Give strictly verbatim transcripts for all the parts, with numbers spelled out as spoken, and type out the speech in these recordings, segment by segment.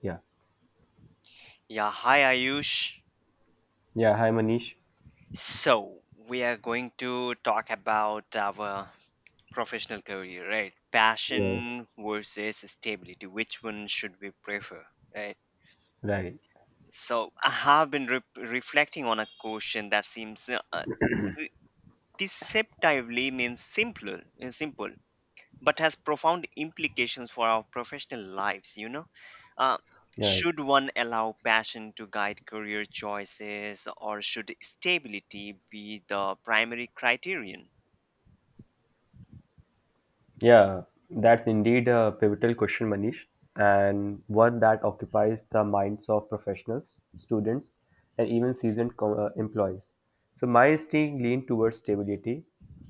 Yeah. Yeah, hi Ayush. Yeah. Hi, Manish. So, we are going to talk about our professional career, right? Yeah. Passion versus stability. Which one should we prefer, right? Right. So, I have been re- reflecting on a question that seems uh, uh, re- deceptively means simpler, uh, simple, but has profound implications for our professional lives, you know. Uh, Right. should one allow passion to guide career choices, or should stability be the primary criterion? Yeah, that's indeed a pivotal question, Manish, and one that occupies the minds of professionals, students, and even seasoned co- uh, employees. So, my instinct lean towards stability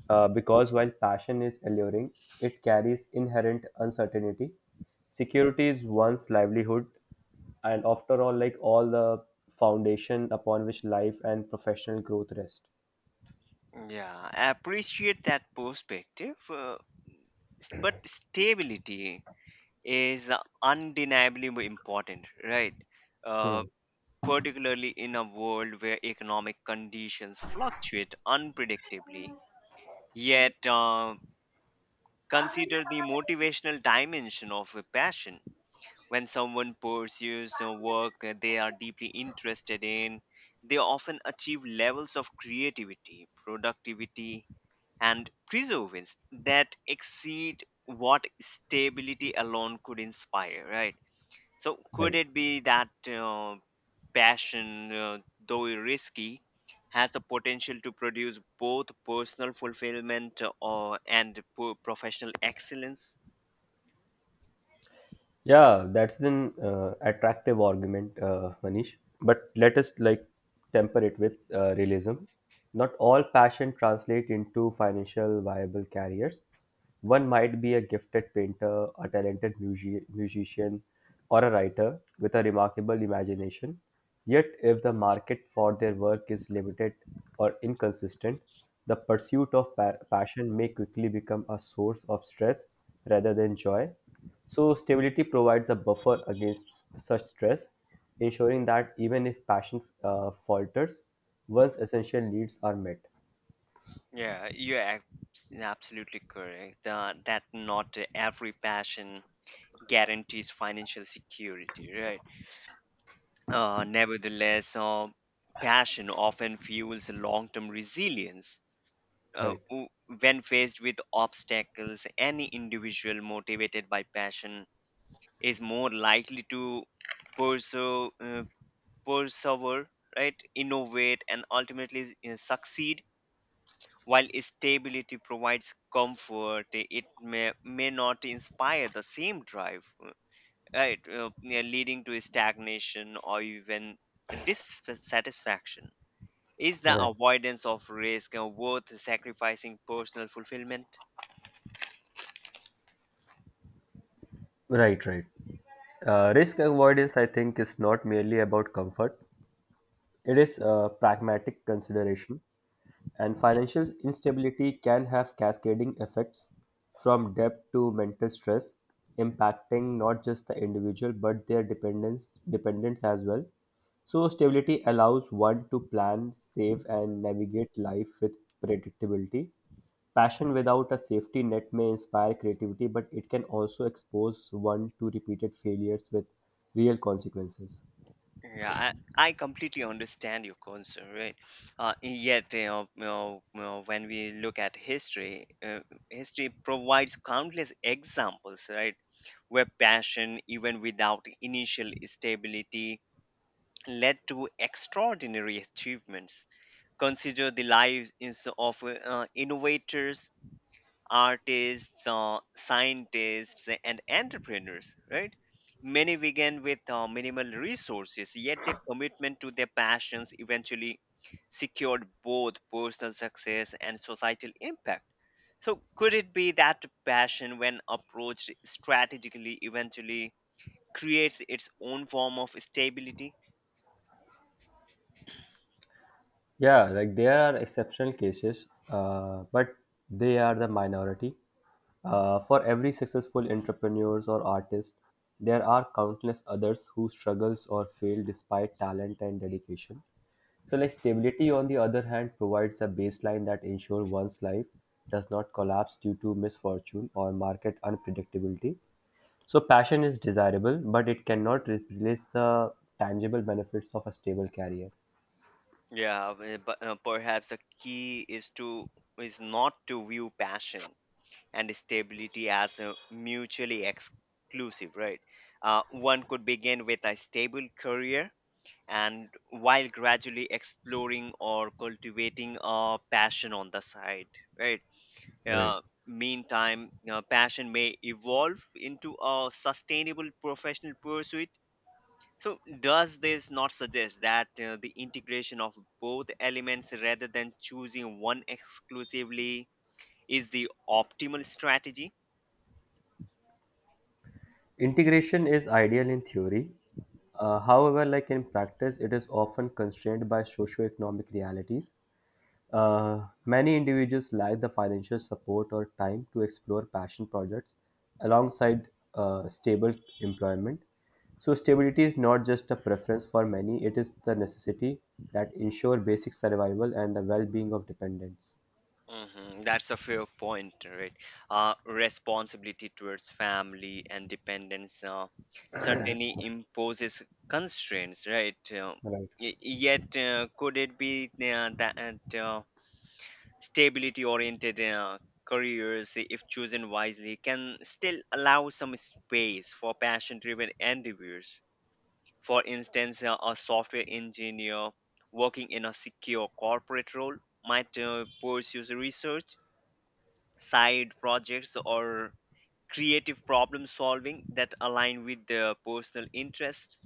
uh, because while passion is alluring, it carries inherent uncertainty. Security is one's livelihood, and after all, like all the foundation upon which life and professional growth rest. Yeah, I appreciate that perspective, uh, s- but stability is uh, undeniably more important, right? Uh, Hmm. Particularly in a world where economic conditions fluctuate unpredictably. Yet, uh, consider the motivational dimension of a passion. When someone pursues a work they are deeply interested in, they often achieve levels of creativity, productivity, and perseverance that exceed what stability alone could inspire, right? So, could Right. it be that uh, passion, uh, though risky, has the potential to produce both personal fulfillment uh, or and po- professional excellence. Yeah, that's an uh, attractive argument, uh, Manish. But let us like temper it with uh, realism. Not all passion translate into financial viable careers. One might be a gifted painter, a talented musi- musician, or a writer with a remarkable imagination. Yet, if the market for their work is limited or inconsistent, the pursuit of pa- passion may quickly become a source of stress rather than joy, so stability provides a buffer against s- such stress, ensuring that even if passion uh, falters, one's essential needs are met. Yeah, you're abs- absolutely correct. The, that not every passion guarantees financial security, right? Uh, nevertheless, uh, passion often fuels long-term resilience. Uh, Right. w- when faced with obstacles, any individual motivated by passion is more likely to pursue, uh, persevere, right? Innovate and ultimately uh, succeed. While stability provides comfort, it may, may not inspire the same drive, uh, right? Uh, yeah, leading to stagnation or even dissatisfaction. Is the Right, avoidance of risk uh, worth sacrificing personal fulfillment? right, right. Uh, risk avoidance, I think, is not merely about comfort. It is a pragmatic consideration. And financial instability can have cascading effects from debt to mental stress, impacting not just the individual but their dependents dependents as well. So stability allows one to plan, save, and navigate life with predictability. Passion without a safety net may inspire creativity, but it can also expose one to repeated failures with real consequences. Yeah, I, I completely understand your concern, right? Uh, yet, you know, you know, you know, when we look at history, uh, history provides countless examples, right, where passion, even without initial stability, led to extraordinary achievements. Consider the lives of uh, innovators, artists, uh, scientists, and entrepreneurs, right? Many began with uh, minimal resources, yet their commitment to their passions eventually secured both personal success and societal impact. So, could it be that passion, when approached strategically, eventually creates its own form of stability? Yeah, like there are exceptional cases, uh, but they are the minority. Uh, for every successful entrepreneurs or artist, there are countless others who struggles or fail despite talent and dedication. So, like stability, on the other hand, provides a baseline that ensures one's life does not collapse due to misfortune or market unpredictability. So, passion is desirable, but it cannot replace the tangible benefits of a stable career. Yeah, but uh, perhaps the key is to is not to view passion and stability as uh, mutually exclusive, right? Uh, one could begin with a stable career and while gradually exploring or cultivating a passion on the side, right? Right. Uh, Meantime, uh, passion may evolve into a sustainable professional pursuit. So, does this not suggest that uh, the integration of both elements rather than choosing one exclusively is the optimal strategy? Integration is ideal in theory. Uh, however, like in practice, it is often constrained by socioeconomic realities. Uh, many individuals lack the financial support or time to explore passion projects alongside uh, stable employment. So, stability is not just a preference for many, it is the necessity that ensure basic survival and the well being of dependents. hmm That's a fair point, right? Uh, responsibility towards family and dependence uh, certainly imposes constraints, right? Uh, Right. Y- yet, uh, could it be uh, that uh, stability-oriented uh, careers, if chosen wisely, can still allow some space for passion-driven endeavors? For instance, uh, a software engineer working in a secure corporate role might uh, pursue research side projects or creative problem solving that align with their personal interests.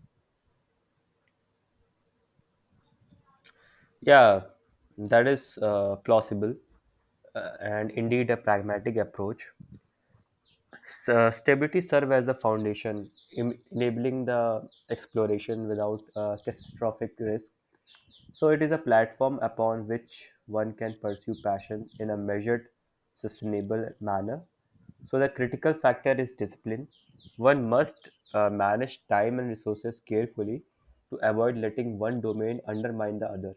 Yeah, that is uh, plausible uh, and indeed a pragmatic approach. S- uh, stability serves as a foundation, em- enabling the exploration without uh, catastrophic risk. So it is a platform upon which one can pursue passion in a measured, sustainable manner. So the critical factor is discipline. One must uh, manage time and resources carefully to avoid letting one domain undermine the other.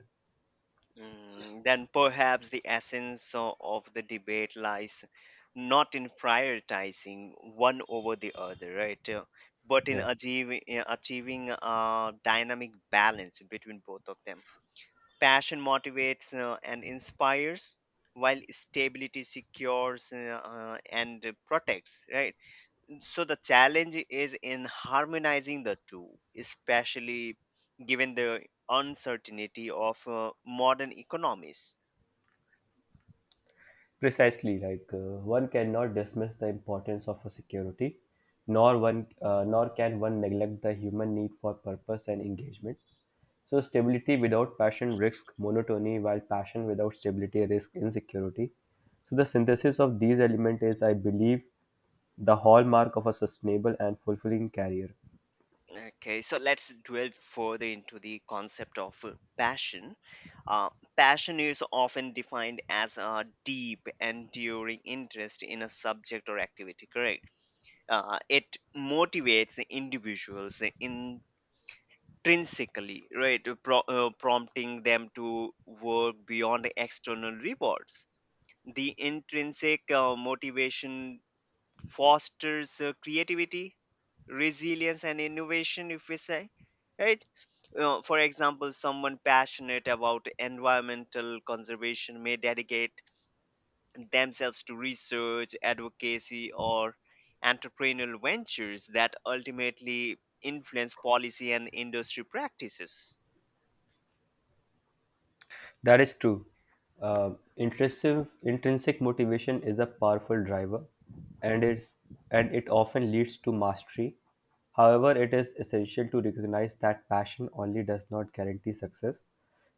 mm, Then perhaps the essence o- of the debate lies not in prioritizing one over the other, right? uh, But in Yeah. achieving, achieving a dynamic balance between both of them. Passion motivates uh, and inspires, while stability secures uh, uh, and protects, right? So the challenge is in harmonizing the two, especially given the uncertainty of uh, modern economies. Precisely, like uh, one cannot dismiss the importance of a security, nor one uh, nor can one neglect the human need for purpose and engagement. So stability without passion risks monotony, while passion without stability risks insecurity. So the synthesis of these elements is, I believe, the hallmark of a sustainable and fulfilling career. Okay, so let's dwell further into the concept of uh, passion. Uh, Passion is often defined as a deep, enduring interest in a subject or activity, correct? Uh, it motivates individuals in intrinsically, right? Uh, Pro- uh, prompting them to work beyond the external rewards. The intrinsic uh, motivation fosters uh, creativity, resilience, and innovation, if we say, right? Uh, for example, someone passionate about environmental conservation may dedicate themselves to research, advocacy, or entrepreneurial ventures that ultimately influence policy and industry practices. That is true. Uh, intrinsic, intrinsic motivation is a powerful driver, and it's and it often leads to mastery. However, it is essential to recognize that passion only does not guarantee success.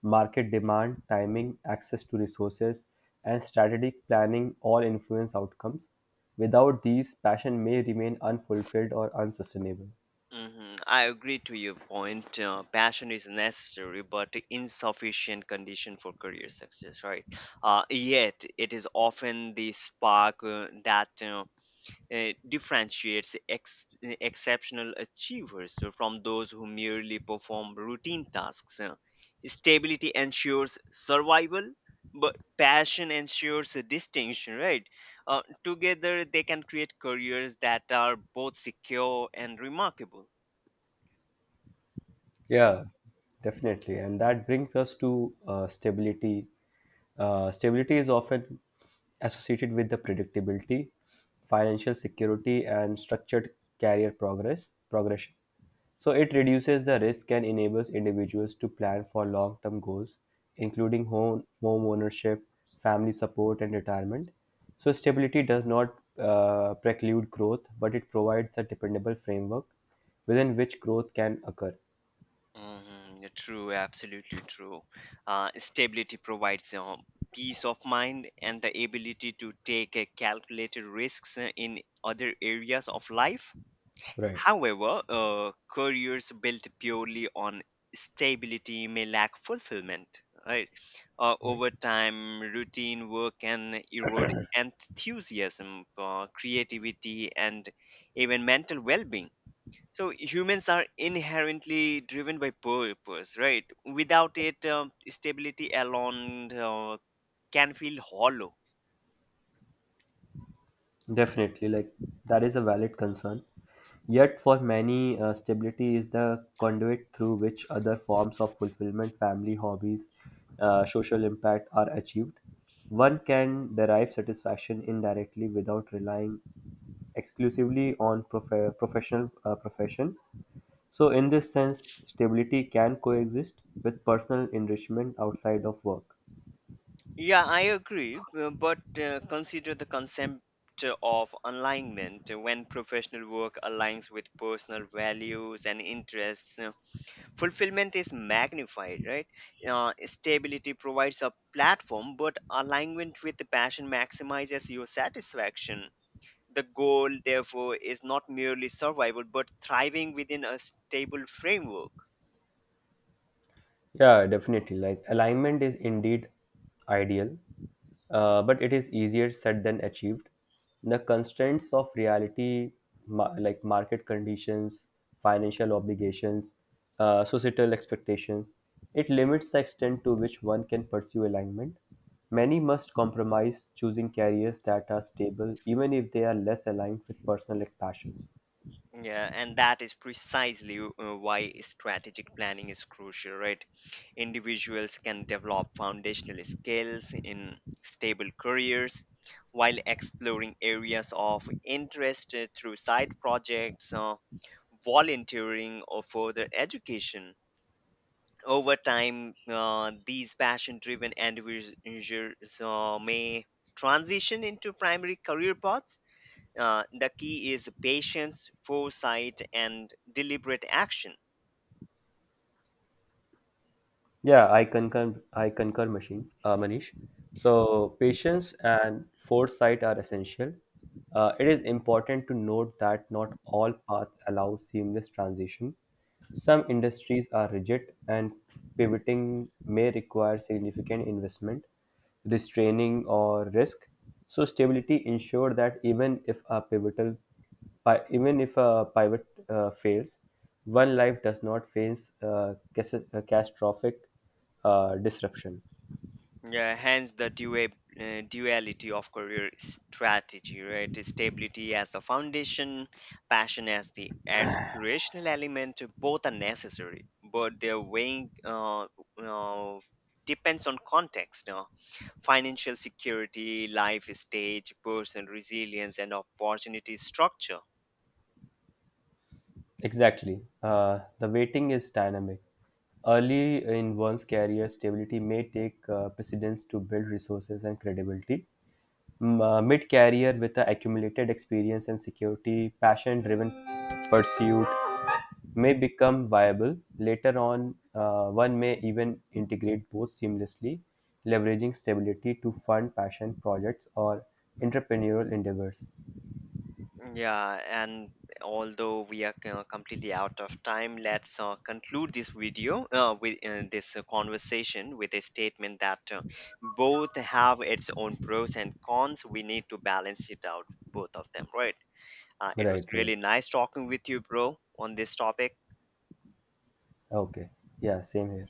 Market demand, timing, access to resources, and strategic planning all influence outcomes. Without these, passion may remain unfulfilled or unsustainable. hmm I agree to your point. Uh, passion is necessary, but insufficient condition for career success, right? Uh, yet, it is often the spark uh, that uh, uh, differentiates ex- exceptional achievers from those who merely perform routine tasks. Uh, Stability ensures survival, but passion ensures a distinction, right? Uh, together, they can create careers that are both secure and remarkable. Yeah, definitely. And that brings us to uh, stability. Uh, stability is often associated with the predictability, financial security, and structured career progress progression. So it reduces the risk and enables individuals to plan for long-term goals, including home home ownership, family support, and retirement. So stability does not uh, preclude growth, but it provides a dependable framework within which growth can occur. hmm True, absolutely true. Uh, stability provides uh, peace of mind and the ability to take uh, calculated risks uh, in other areas of life. Right. However, uh, careers built purely on stability may lack fulfillment, right? Uh, right? Over time, routine work can erode enthusiasm, uh, creativity, and even mental well being. So humans are inherently driven by purpose, right? Without it, um, stability alone uh, can feel hollow. Definitely, like that is a valid concern. Yet, for many, uh, stability is the conduit through which other forms of fulfillment, family, hobbies, uh, social impact are achieved. One can derive satisfaction indirectly without relying exclusively on prof- professional uh, profession. So, in this sense, stability can coexist with personal enrichment outside of work. Yeah, I agree, uh, but uh, consider the concept of alignment when professional work aligns with personal values and interests. Uh, fulfillment is magnified, right? Uh, stability provides a platform, but alignment with the passion maximizes your satisfaction. The goal, therefore, is not merely survival but thriving within a stable framework. Yeah, definitely. Like alignment is indeed ideal, uh, but it is easier said than achieved. The constraints of reality, ma- like market conditions, financial obligations, uh, societal expectations, it limits the extent to which one can pursue alignment. Many must compromise choosing careers that are stable, even if they are less aligned with personal passions. Yeah, and that is precisely uh, why strategic planning is crucial, right? Individuals can develop foundational skills in stable careers while exploring areas of interest uh, through side projects, uh, volunteering, or further education. Over time, uh, these passion driven individuals uh, may transition into primary career paths. Uh, the key is patience, foresight, and deliberate action. Yeah, I concur. I concur, Machine, uh, Manish. So patience and foresight are essential. Uh, it is important to note that not all paths allow seamless transition. Some industries are rigid, and pivoting may require significant investment, restraining, or risk. So stability ensure that even if a pivotal Pi- even if a pivot uh, fails, one life does not face uh, cas- uh, catastrophic uh, disruption. Yeah, hence the dua- uh, duality of career strategy, right? Stability as the foundation, passion as the aspirational element. Both are necessary, but their weighing uh, uh, depends on context. Uh, financial security, life stage, personal resilience, and opportunity structure. Exactly. Uh, the waiting is dynamic. Early in one's career, stability may take uh, precedence to build resources and credibility. M- uh, mid-career with the accumulated experience and security, passion-driven pursuit may become viable. Later on, uh, one may even integrate both seamlessly, leveraging stability to fund passion projects or entrepreneurial endeavors. Yeah, and although we are uh, completely out of time, let's uh, conclude this video uh, with uh, this uh, conversation with a statement that uh, both have its own pros and cons. We need to balance it out, both of them, right? Uh, it was Right, right. really nice talking with you, bro, on this topic. Okay. Yeah, same here.